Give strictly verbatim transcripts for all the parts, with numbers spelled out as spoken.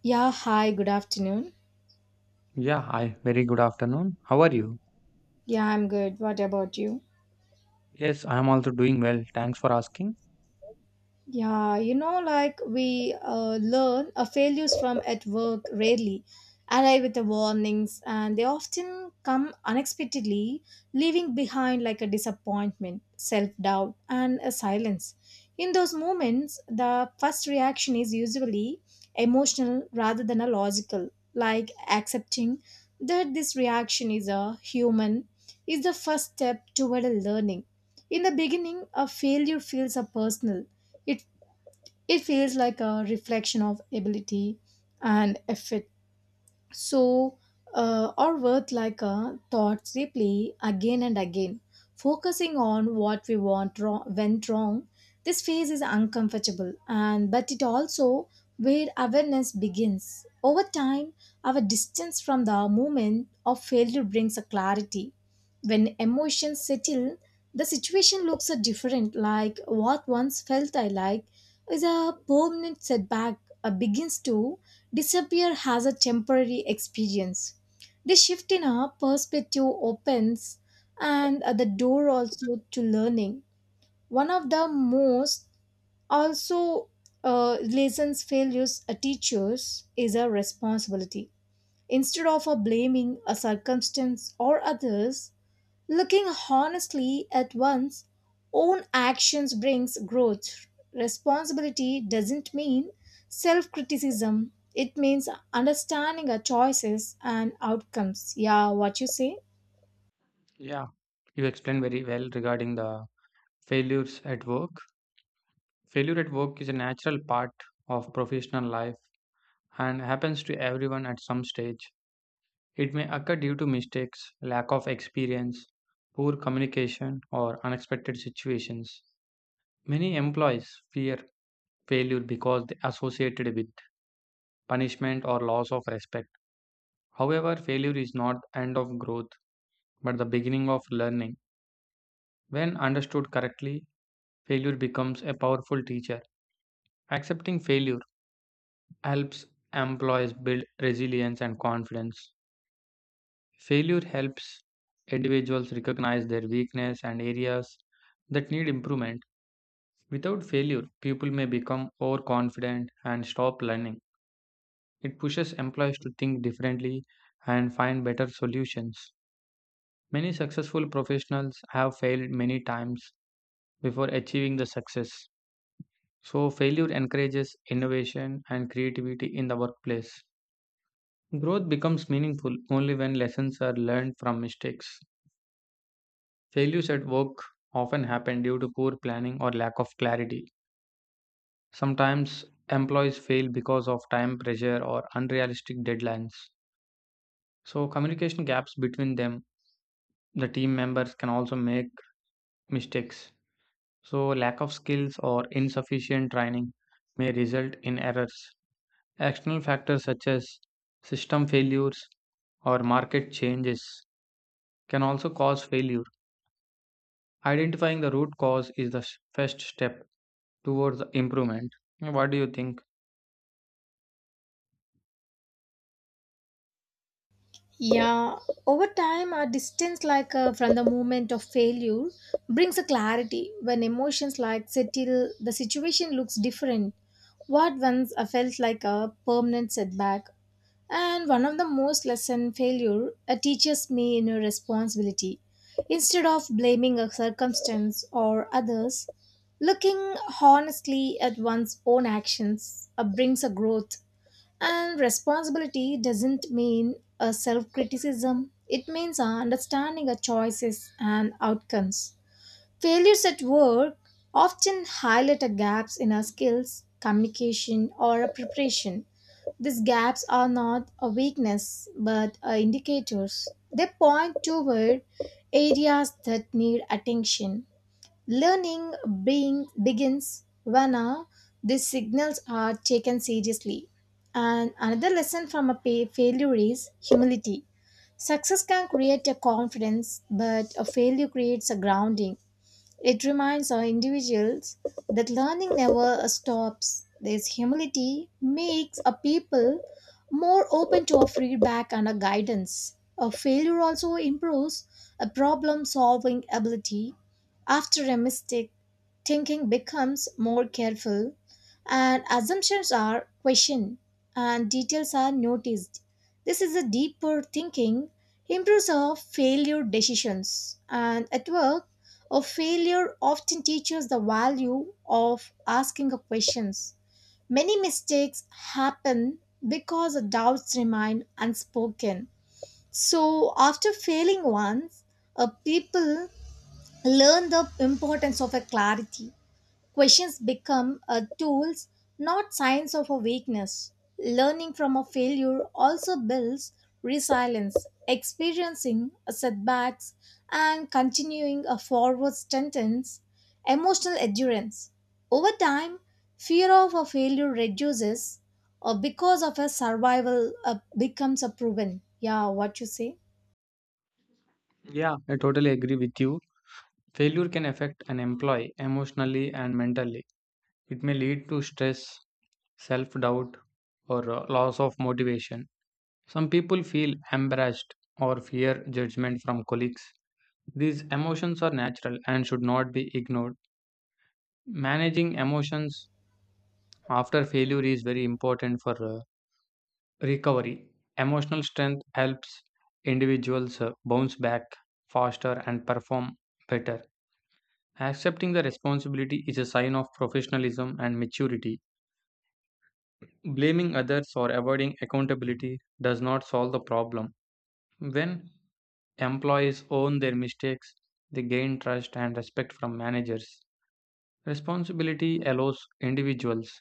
Yeah, hi, good afternoon. Yeah, hi. Very good afternoon. How are you? Yeah, I'm good. What about you? Yes, I am also doing well. Thanks for asking. Yeah, you know, like we uh, learn uh, failures from at work rarely arrive with the warnings, and they often come unexpectedly, leaving behind like a disappointment, self doubt, and a silence. In those moments, the first reaction is usually emotional rather than a logical, like accepting that this reaction is a human is the first step toward a learning. In the beginning, a failure feels a personal. It it feels like a reflection of ability and effort so uh, or worth like a thought deeply again and again, focusing on what we want wrong, went wrong. This phase is uncomfortable and but it also where awareness begins. Over time, our distance from the moment of failure brings a clarity. When emotions settle, the situation looks a different, like what once felt I like is a permanent setback, uh, begins to disappear as a temporary experience. The shift in our perspective opens, and uh, the door also to learning. One of the most also uh, lessons failures uh, teachers is a responsibility. Instead of a blaming a circumstance or others, looking honestly at one's own actions brings growth. Responsibility doesn't mean self criticism, it means understanding our choices and outcomes. Yeah, what you say? Yeah, you explained very well regarding the failures at work. Failure at work is a natural part of professional life and happens to everyone at some stage. It may occur due to mistakes, lack of experience, poor communication, or unexpected situations. Many employees fear failure because they associate it with punishment or loss of respect. However, failure is not the end of growth, but the beginning of learning. When understood correctly, failure becomes a powerful teacher. Accepting failure helps employees build resilience and confidence. Failure helps individuals recognize their weakness and areas that need improvement. Without failure, people may become overconfident and stop learning. It pushes employees to think differently and find better solutions. Many successful professionals have failed many times before achieving the success. So, failure encourages innovation and creativity in the workplace. Growth becomes meaningful only when lessons are learned from mistakes. Failures at work often happen due to poor planning or lack of clarity. Sometimes employees fail because of time pressure or unrealistic deadlines. So, communication gaps between them, the team members can also make mistakes. So, lack of skills or insufficient training may result in errors. External factors such as system failures or market changes can also cause failure. Identifying the root cause is the s- first step towards improvement. What do you think? Yeah, over time, a distance, like uh, from the moment of failure, brings a clarity. When emotions like settle, the situation looks different. What once I felt like a permanent setback, and one of the most lesson failure uh, teaches me in a responsibility. Instead of blaming a circumstance or others, looking honestly at one's own actions uh, brings a growth, and responsibility doesn't mean a self criticism, it means a understanding of choices and outcomes. Failures at work often highlight a gaps in our skills, communication, or a preparation. These gaps are not a weakness but are indicators. They point toward areas that need attention. Learning being begins when uh, these signals are taken seriously. And another lesson from a pa- failure is humility. Success can create a confidence, but a failure creates a grounding. It reminds our individuals that learning never uh, stops. This humility makes a people more open to a feedback and a guidance. A failure also improves a problem solving ability. After a mistake, thinking becomes more careful, and assumptions are questioned, and details are noticed. This is a deeper thinking improves our failure decisions, and at work a failure often teaches the value of asking a questions. Many mistakes happen because the doubts remain unspoken. So after failing once, a people learn the importance of a clarity. Questions become a tools, not signs of a weakness. Learning from a failure also builds resilience, experiencing a setbacks and continuing a forward sentence, emotional endurance. Over time, fear of a failure reduces or because of a survival uh, becomes a proven. Yeah, what you say? Yeah, I totally agree with you. Failure can affect an employee emotionally and mentally. It may lead to stress, self doubt, or uh, loss of motivation. Some people feel embarrassed or fear judgment from colleagues. These emotions are natural and should not be ignored. Managing emotions after failure is very important for uh, recovery. Emotional strength helps individuals uh, bounce back faster and perform better. Accepting the responsibility is a sign of professionalism and maturity. Blaming others or avoiding accountability does not solve the problem. When employees own their mistakes, they gain trust and respect from managers. Responsibility allows individuals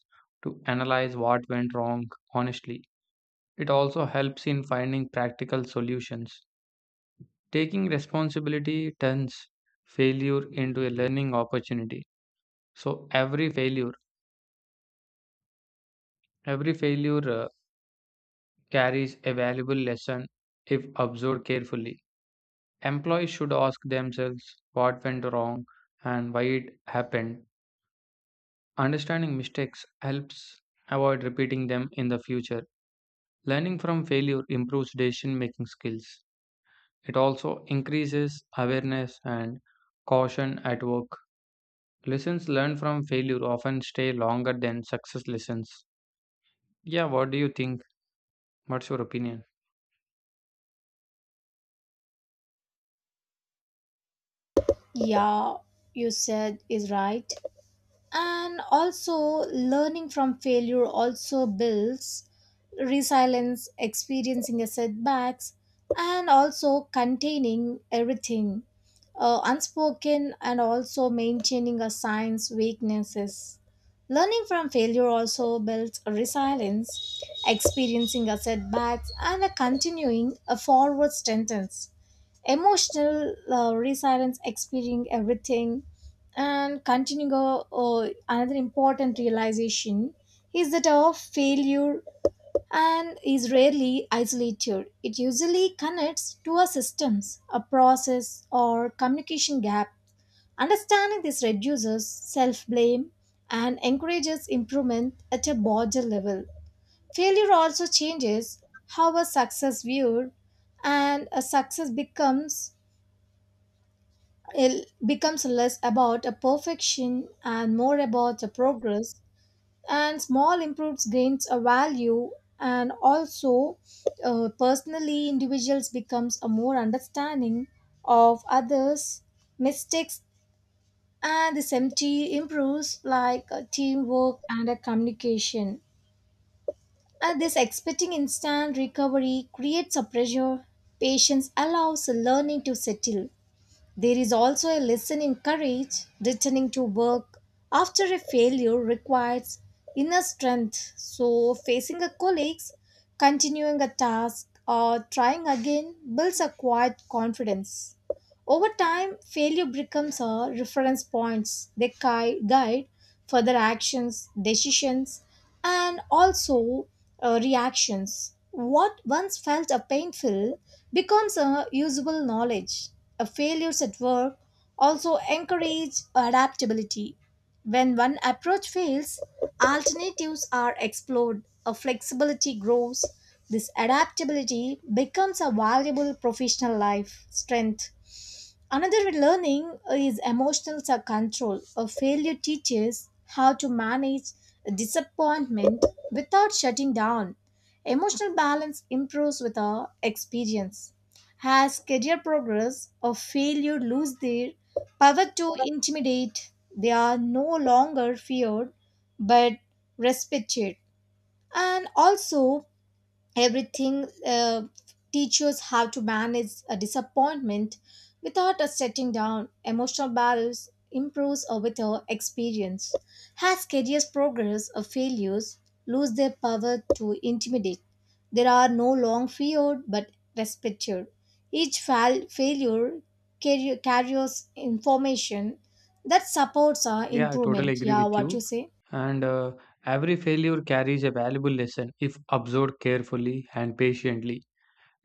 to analyze what went wrong honestly. It also helps in finding practical solutions. Taking responsibility turns failure into a learning opportunity. So every failure, every failure uh, carries a valuable lesson if observed carefully. Employees should ask themselves what went wrong and why it happened. Understanding mistakes helps avoid repeating them in the future. Learning from failure improves decision making skills. It also increases awareness and caution at work. Lessons learned from failure often stay longer than success lessons. Yeah, what do you think? What's your opinion? Yeah, you said is right, and also learning from failure also builds resilience, experiencing a setbacks, and also containing everything uh, unspoken, and also maintaining a science weaknesses. Learning from failure also builds resilience, experiencing a setbacks and a continuing a forward sentence, emotional uh, resilience, experiencing everything and continuing uh, uh, another important realization is that our failure and is rarely isolated. It usually connects to our systems, a process or communication gap. Understanding this reduces self-blame and encourages improvement at a broader level. Failure also changes how a success viewed, and a success becomes, it becomes less about a perfection and more about a progress, and small improves gains a value, and also uh, personally individuals becomes a more understanding of others' mistakes, and this empty improves like uh, teamwork and a communication. And this expecting instant recovery creates a pressure. Patience allows learning to settle. There is also a lesson in courage. Returning to work after a failure requires inner strength. So, facing a colleagues, continuing a task, or trying again builds a quiet confidence. Over time, failure becomes a reference points. They gui- guide further actions, decisions, and also uh, reactions. What once felt a painful becomes a usable knowledge. A failures at work also encourage adaptability. When one approach fails, alternatives are explored. A flexibility grows. This adaptability becomes a valuable professional life strength. Another learning is emotional su- control. A failure teaches how to manage disappointment without shutting down. Emotional balance improves with our experience. As career progress, a failure lose their power to intimidate, they are no longer feared but respected. And also, everything uh, teachers have to manage a disappointment without a setting down. Emotional balance improves uh, with our experience. As careers progress, or failures lose their power to intimidate, there are no long feared but respected. Each fail- failure carry- carries information that supports our Yeah, I totally improvement. agree Yeah, with what you you. say? And uh, Every failure carries a valuable lesson if observed carefully and patiently.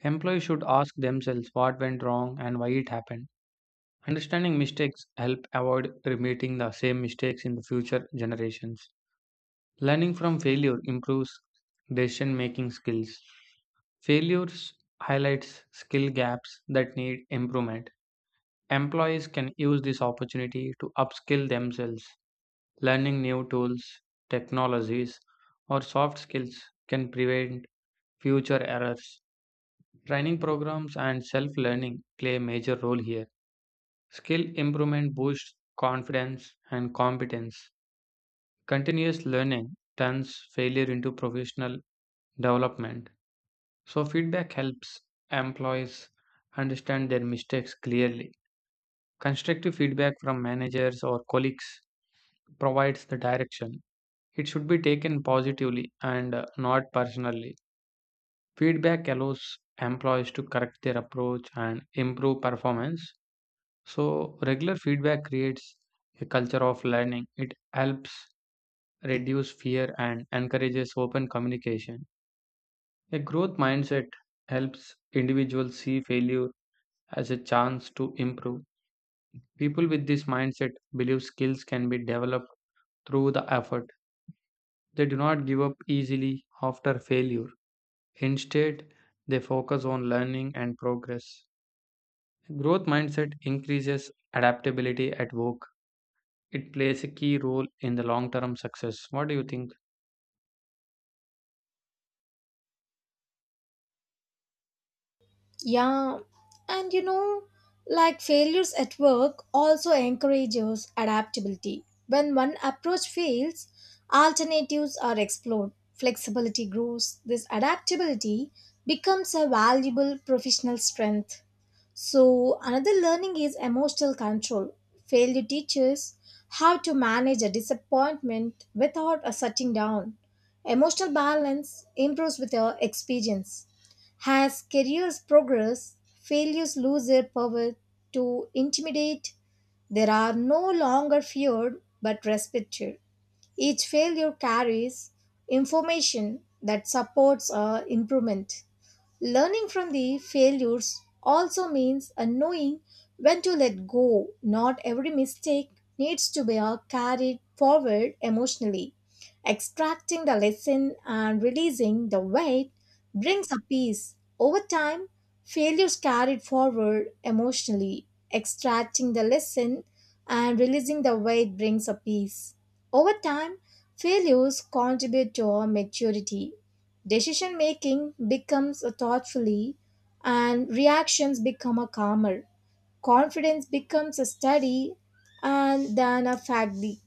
Employees should ask themselves what went wrong and why it happened. Understanding mistakes help avoid repeating the same mistakes in the future generations. Learning from failure improves decision making skills. Failures highlights skill gaps that need improvement. Employees can use this opportunity to upskill themselves. Learning new tools, technologies, or soft skills can prevent future errors. Training programs and self learning play a major role here. Skill improvement boosts confidence and competence. Continuous learning turns failure into professional development. So, feedback helps employees understand their mistakes clearly. Constructive feedback from managers or colleagues provides the direction. It should be taken positively and uh, not personally. Feedback allows employees to correct their approach and improve performance. So, regular feedback creates a culture of learning. It helps reduce fear and encourages open communication. A growth mindset helps individuals see failure as a chance to improve. People with this mindset believe skills can be developed through the effort. They do not give up easily after failure. Instead, they focus on learning and progress. Growth mindset increases adaptability at work. It plays a key role in the long term success. What do you think? Yeah, and you know, like failures at work also encourages adaptability. When one approach fails, alternatives are explored, flexibility grows. This adaptability becomes a valuable professional strength. So, another learning is emotional control. Failure teaches how to manage a disappointment without a shutting down. Emotional balance improves with your experience. As careers progress, failures lose their power to intimidate. They are no longer feared but respected. Each failure carries information that supports our improvement. Learning from the failures also means a knowing when to let go. Not every mistake needs to be uh, carried forward emotionally. Extracting the lesson and releasing the weight brings a peace. Over time, failures carried forward emotionally. Extracting the lesson and releasing the weight brings a peace. Over time, failures contribute to our maturity. Decision making becomes a thoughtfully, and reactions become a calmer. Confidence becomes a study and then a faculty.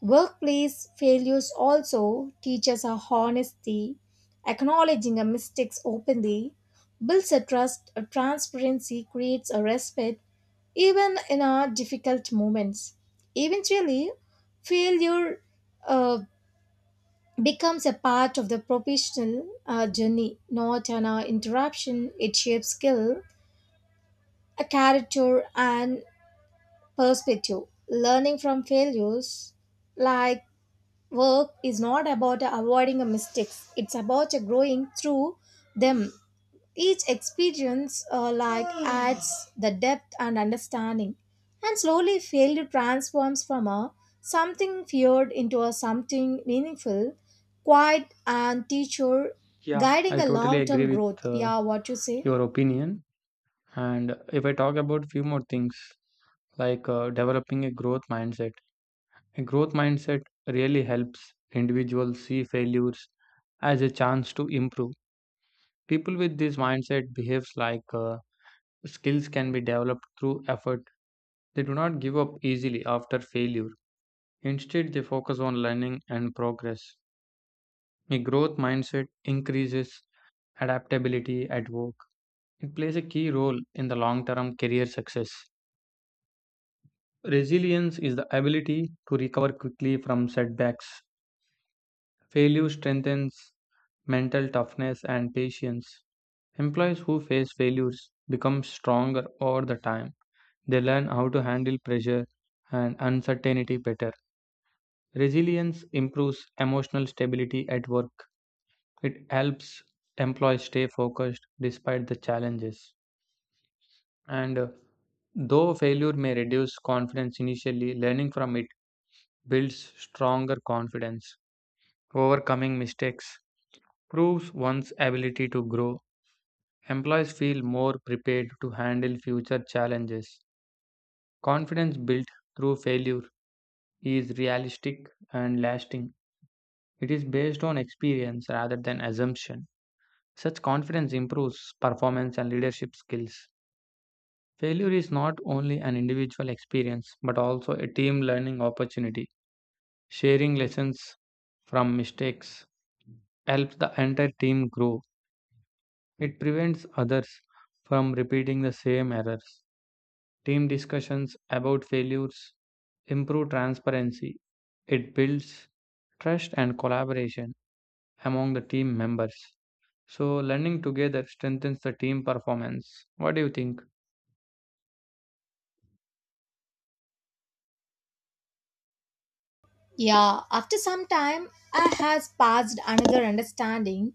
Workplace failures also teach us a honesty. Acknowledging our mistakes openly builds a trust, a transparency, creates a respect, even in our difficult moments. Eventually, failure uh, becomes a part of the professional uh, journey, not an uh, interruption. It shapes skill, a character, and perspective. Learning from failures, like work, is not about avoiding a mistakes. It's about uh, growing through them. Each experience uh, like adds the depth and understanding, and slowly failure transforms from a something feared into a something meaningful, quiet and teacher Yeah, guiding I a totally agree long-term growth. with uh, Yeah, what you say? your opinion. And if I talk about few more things like uh, developing a growth mindset. A growth mindset really helps individuals see failures as a chance to improve. People with this mindset behaves like uh, skills can be developed through effort. They do not give up easily after failure. Instead, they focus on learning and progress. A growth mindset increases adaptability at work. It plays a key role in the long-term career success. Resilience is the ability to recover quickly from setbacks. Failure strengthens mental toughness and patience. Employees who face failures become stronger over the time. They learn how to handle pressure and uncertainty better. Resilience improves emotional stability at work. It helps employees stay focused despite the challenges. And uh, Though failure may reduce confidence initially, learning from it builds stronger confidence. Overcoming mistakes proves one's ability to grow. Employees feel more prepared to handle future challenges. Confidence built through failure is realistic and lasting. It is based on experience rather than assumption. Such confidence improves performance and leadership skills. Failure is not only an individual experience but also a team learning opportunity. Sharing lessons from mistakes helps the entire team grow. It prevents others from repeating the same errors. Team discussions about failures improve transparency. It builds trust and collaboration among the team members. So, learning together strengthens the team performance. What do you think? Yeah, after some time, I has passed another understanding.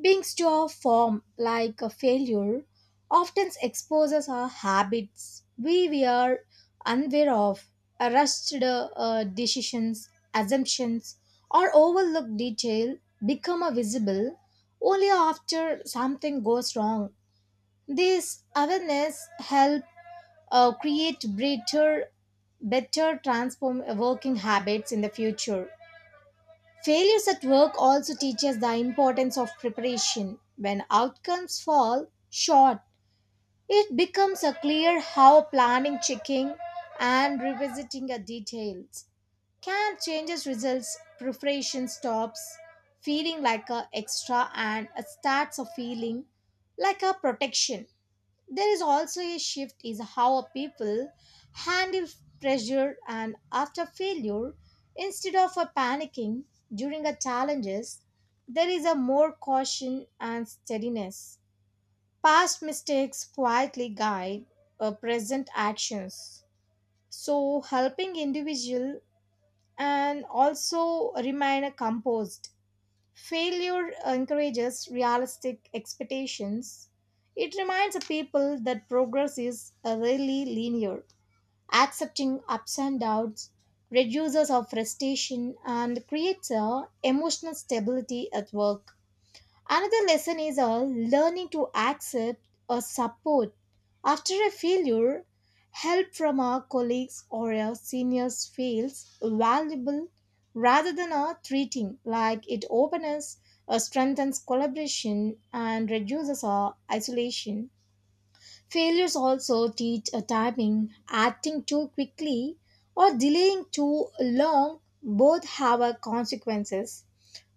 Being store form like a failure often exposes our habits we were unaware of, uh, rushed uh, decisions, assumptions, or overlooked detail become a visible only after something goes wrong. This awareness help uh, create better, better transform working habits in the future. Failures at work also teach us the importance of preparation. When outcomes fall short, it becomes a clear how planning, checking, and revisiting the details can change its results. Preparation stops feeling like a extra and starts a feeling like a protection. There is also a shift is how a people handle pressure, and after failure instead of a panicking during a challenges, there is a more caution and steadiness. Past mistakes quietly guide uh, present actions, so helping individual and also remain composed. Failure encourages realistic expectations. It reminds the people that progress is uh, really linear. Accepting ups and downs reduces our frustration and creates a emotional stability at work. Another lesson is all learning to accept or support after a failure. Help from our colleagues or our seniors feels valuable rather than our treating like it opens or strengthens collaboration and reduces our isolation. Failures also teach a timing, acting too quickly or delaying too long both have a consequences.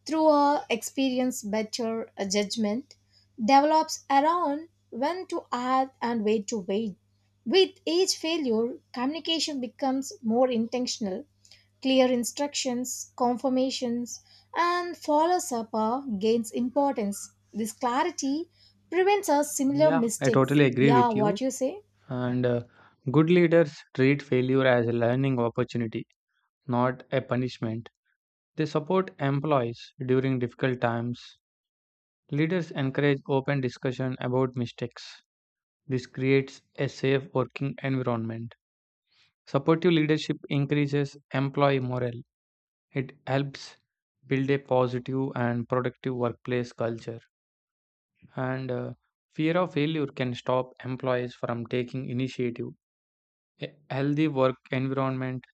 Through her experience, better uh, judgment develops around when to act and where to wait. With each failure, communication becomes more intentional, clear instructions, confirmations, and follows up uh, gains importance. This clarity prevents us similar Yeah, I mistakes. totally agree Yeah, with you. what you say? And uh, Good leaders treat failure as a learning opportunity, not a punishment. They support employees during difficult times. Leaders encourage open discussion about mistakes. This creates a safe working environment. Supportive leadership increases employee morale. It helps build a positive and productive workplace culture. And uh, Fear of failure can stop employees from taking initiative. A healthy work environment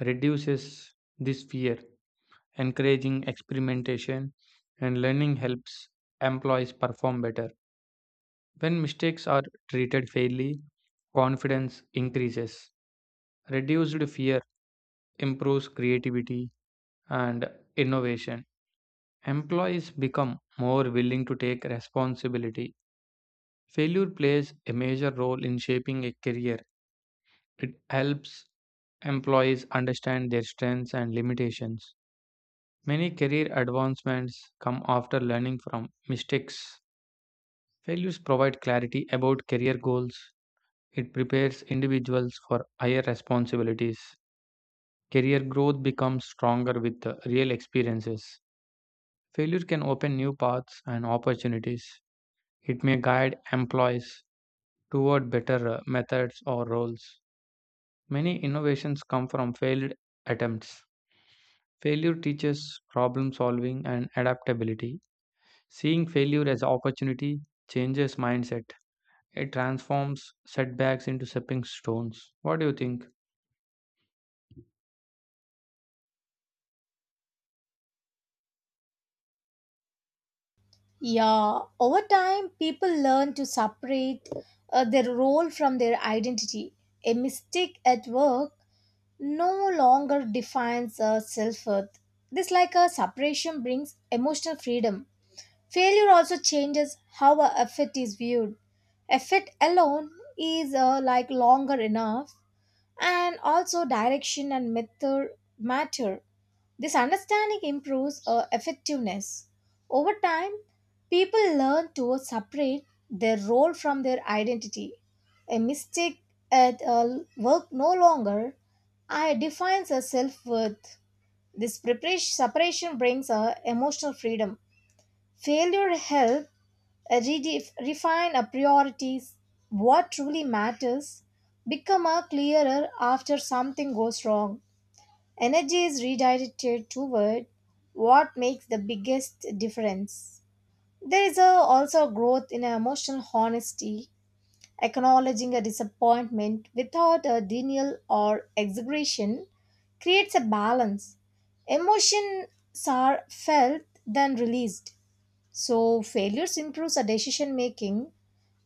reduces this fear. Encouraging experimentation and learning helps employees perform better. When mistakes are treated fairly, confidence increases. Reduced fear improves creativity and innovation, employees become more willing to take responsibility. Failure plays a major role in shaping a career. It helps employees understand their strengths and limitations. Many career advancements come after learning from mistakes. Failures provide clarity about career goals. It prepares individuals for higher responsibilities. Career growth becomes stronger with the real experiences. Failure can open new paths and opportunities. It may guide employees toward better uh, methods or roles. Many innovations come from failed attempts. Failure teaches problem solving and adaptability. Seeing failure as opportunity changes mindset. It transforms setbacks into stepping stones. What do you think? Yeah, over time, people learn to separate uh, their role from their identity. A mistake at work no longer defines uh, self worth. This, like a separation, brings emotional freedom. Failure also changes how our effort is viewed. Effort alone is uh, like longer enough, and also direction and method matter. This understanding improves uh, effectiveness. Over time, people learn to separate their role from their identity. A mistake at uh, work no longer I defines a self worth. This preparation, separation brings a emotional freedom. Failure helps redefine our priorities. What truly matters become a clearer after something goes wrong. Energy is redirected toward what makes the biggest difference. There is a, also a growth in emotional honesty. Acknowledging a disappointment without a denial or exaggeration creates a balance. Emotions are felt than released. So failures improves our decision making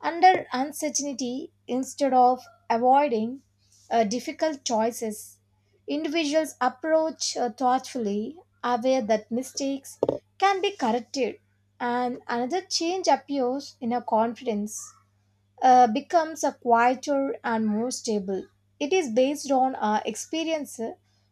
under uncertainty, instead of avoiding uh, difficult choices. Individuals approach uh, thoughtfully, aware that mistakes can be corrected, and another change appears in a confidence, uh, becomes a quieter and more stable. It is based on our experience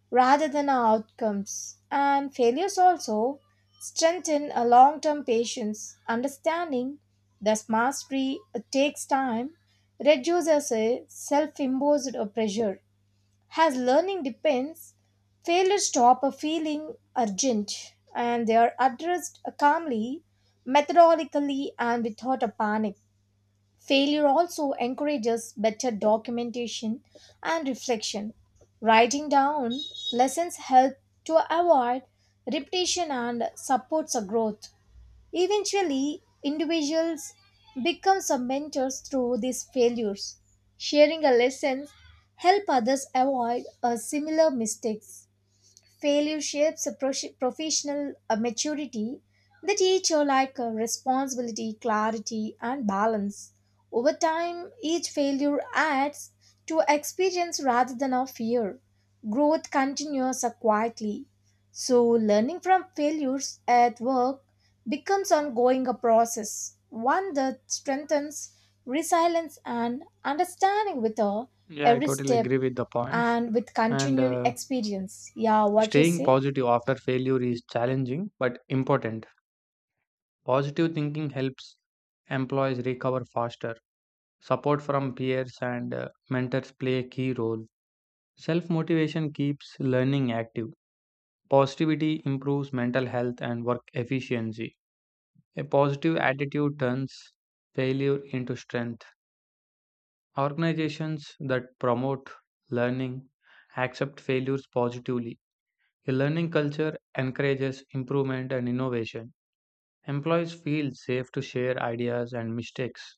rather than our outcomes. And failures also strengthen a long-term patience, understanding thus mastery takes time, reduces a self-imposed pressure. As learning depends, failures stop a feeling urgent and they are addressed calmly, methodically and without a panic. Failure also encourages better documentation and reflection. Writing down lessons help to avoid repetition and supports a growth. Eventually, individuals become some mentors through these failures. Sharing a lesson help others avoid a similar mistakes. Failure shapes a prosh- professional uh, maturity. The teacher like uh, responsibility, clarity, and balance. Over time, each failure adds to experience rather than a fear. Growth continues uh, quietly. So, learning from failures at work becomes ongoing a process, one that strengthens resilience and understanding with uh, Yeah, I every totally step agree with the points. and with And continued uh, experience. Yeah, what you Staying say? positive after failure is challenging but important. Positive thinking helps employees recover faster. Support from peers and uh, mentors play a key role. Self motivation keeps learning active. Positivity improves mental health and work efficiency. A positive attitude turns failure into strength. Organizations that promote learning accept failures positively. A learning culture encourages improvement and innovation. Employees feel safe to share ideas and mistakes.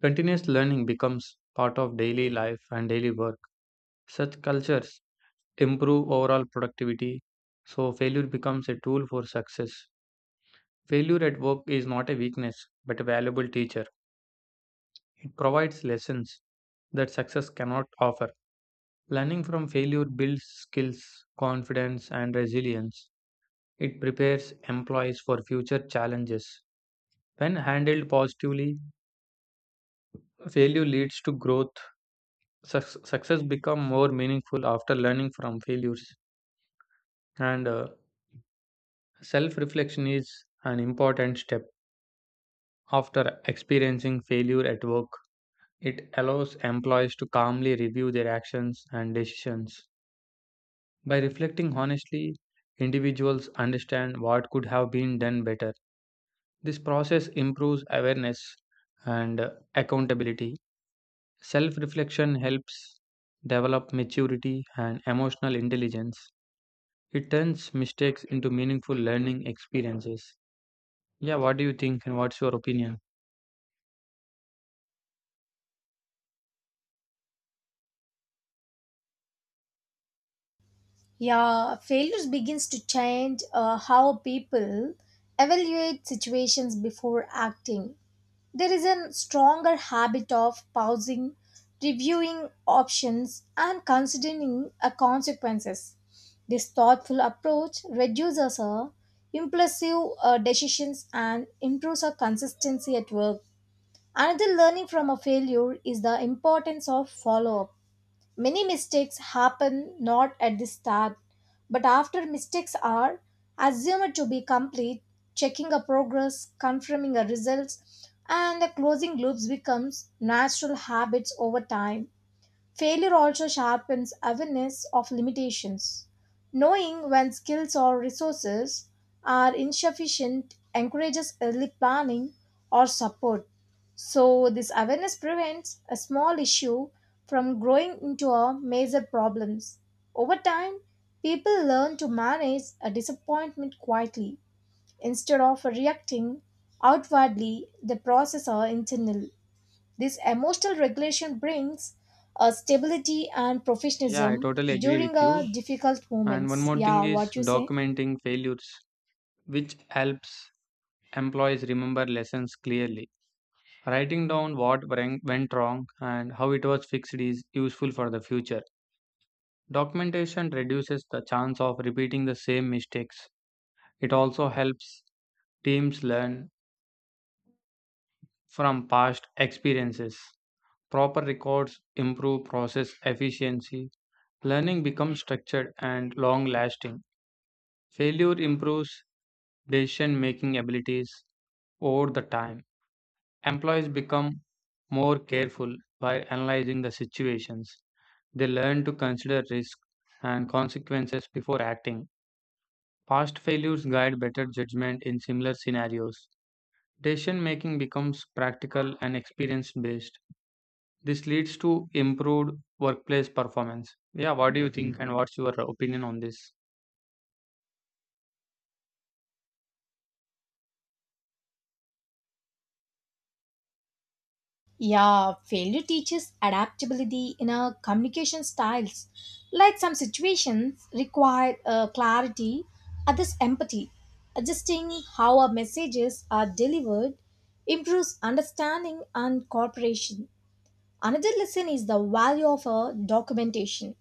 Continuous learning becomes part of daily life and daily work. Such cultures improve overall productivity, so failure becomes a tool for success. Failure at work is not a weakness, but a valuable teacher. It provides lessons that success cannot offer. Learning from failure builds skills, confidence, and resilience. It prepares employees for future challenges. When handled positively, failure leads to growth. Suc- success becomes more meaningful after learning from failures. And uh, Self reflection is an important step. After experiencing failure at work, it allows employees to calmly review their actions and decisions. By reflecting honestly, individuals understand what could have been done better. This process improves awareness and uh, accountability. Self reflection helps develop maturity and emotional intelligence. It turns mistakes into meaningful learning experiences. Yeah, what do you think and what's your opinion? Yeah, failures begins to change uh, how people evaluate situations before acting. There is a stronger habit of pausing, reviewing options, and considering uh, consequences. This thoughtful approach reduces our impulsive uh, decisions and improves our consistency at work. Another learning from a failure is the importance of follow up. Many mistakes happen not at the start, but after mistakes are assumed to be complete, checking a progress, confirming a results, and the closing loops becomes natural habits over time. Failure also sharpens awareness of limitations. Knowing when skills or resources are insufficient encourages early planning or support. So, this awareness prevents a small issue from growing into a major problem. Over time, people learn to manage a disappointment quietly instead of reacting outwardly. The process are internal. This emotional regulation brings uh, stability and Yeah, I professionalism totally agree during with uh, you. difficult And one moments. more Yeah, thing is what you say? documenting failures, which helps employees remember lessons clearly. Writing down what wren- went wrong and how it was fixed is useful for the future. Documentation reduces the chance of repeating the same mistakes. It also helps teams learn from past experiences. Proper records improve process efficiency. Learning becomes structured and long lasting. Failure improves decision-making abilities over the time. Employees become more careful by analyzing the situations. They learn to consider risk and consequences before acting. Past failures guide better judgment in similar scenarios. Decision making becomes practical and experience based. This leads to improved workplace performance. Yeah, what do you think and what's your opinion on this? Yeah, failure teaches adaptability in our communication styles. Like some situations require uh, clarity, others empathy. Adjusting how our messages are delivered improves understanding and cooperation. Another lesson is the value of a documentation.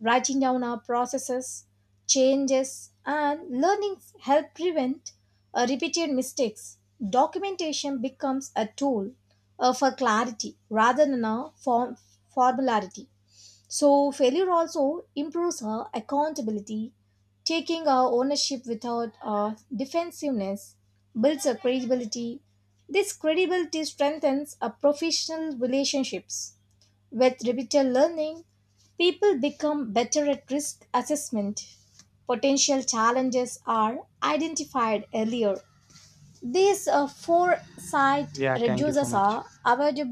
Writing down our processes, changes, and learnings help prevent uh, repeated mistakes. Documentation becomes a tool uh, for clarity rather than a form- formality. So, failure also improves her accountability. Taking our ownership without our defensiveness builds a credibility. This credibility strengthens our professional relationships. With repeated learning, people become better at risk assessment. Potential challenges are identified earlier. This uh, foresight Yeah, thank you so reduces much. our avoidable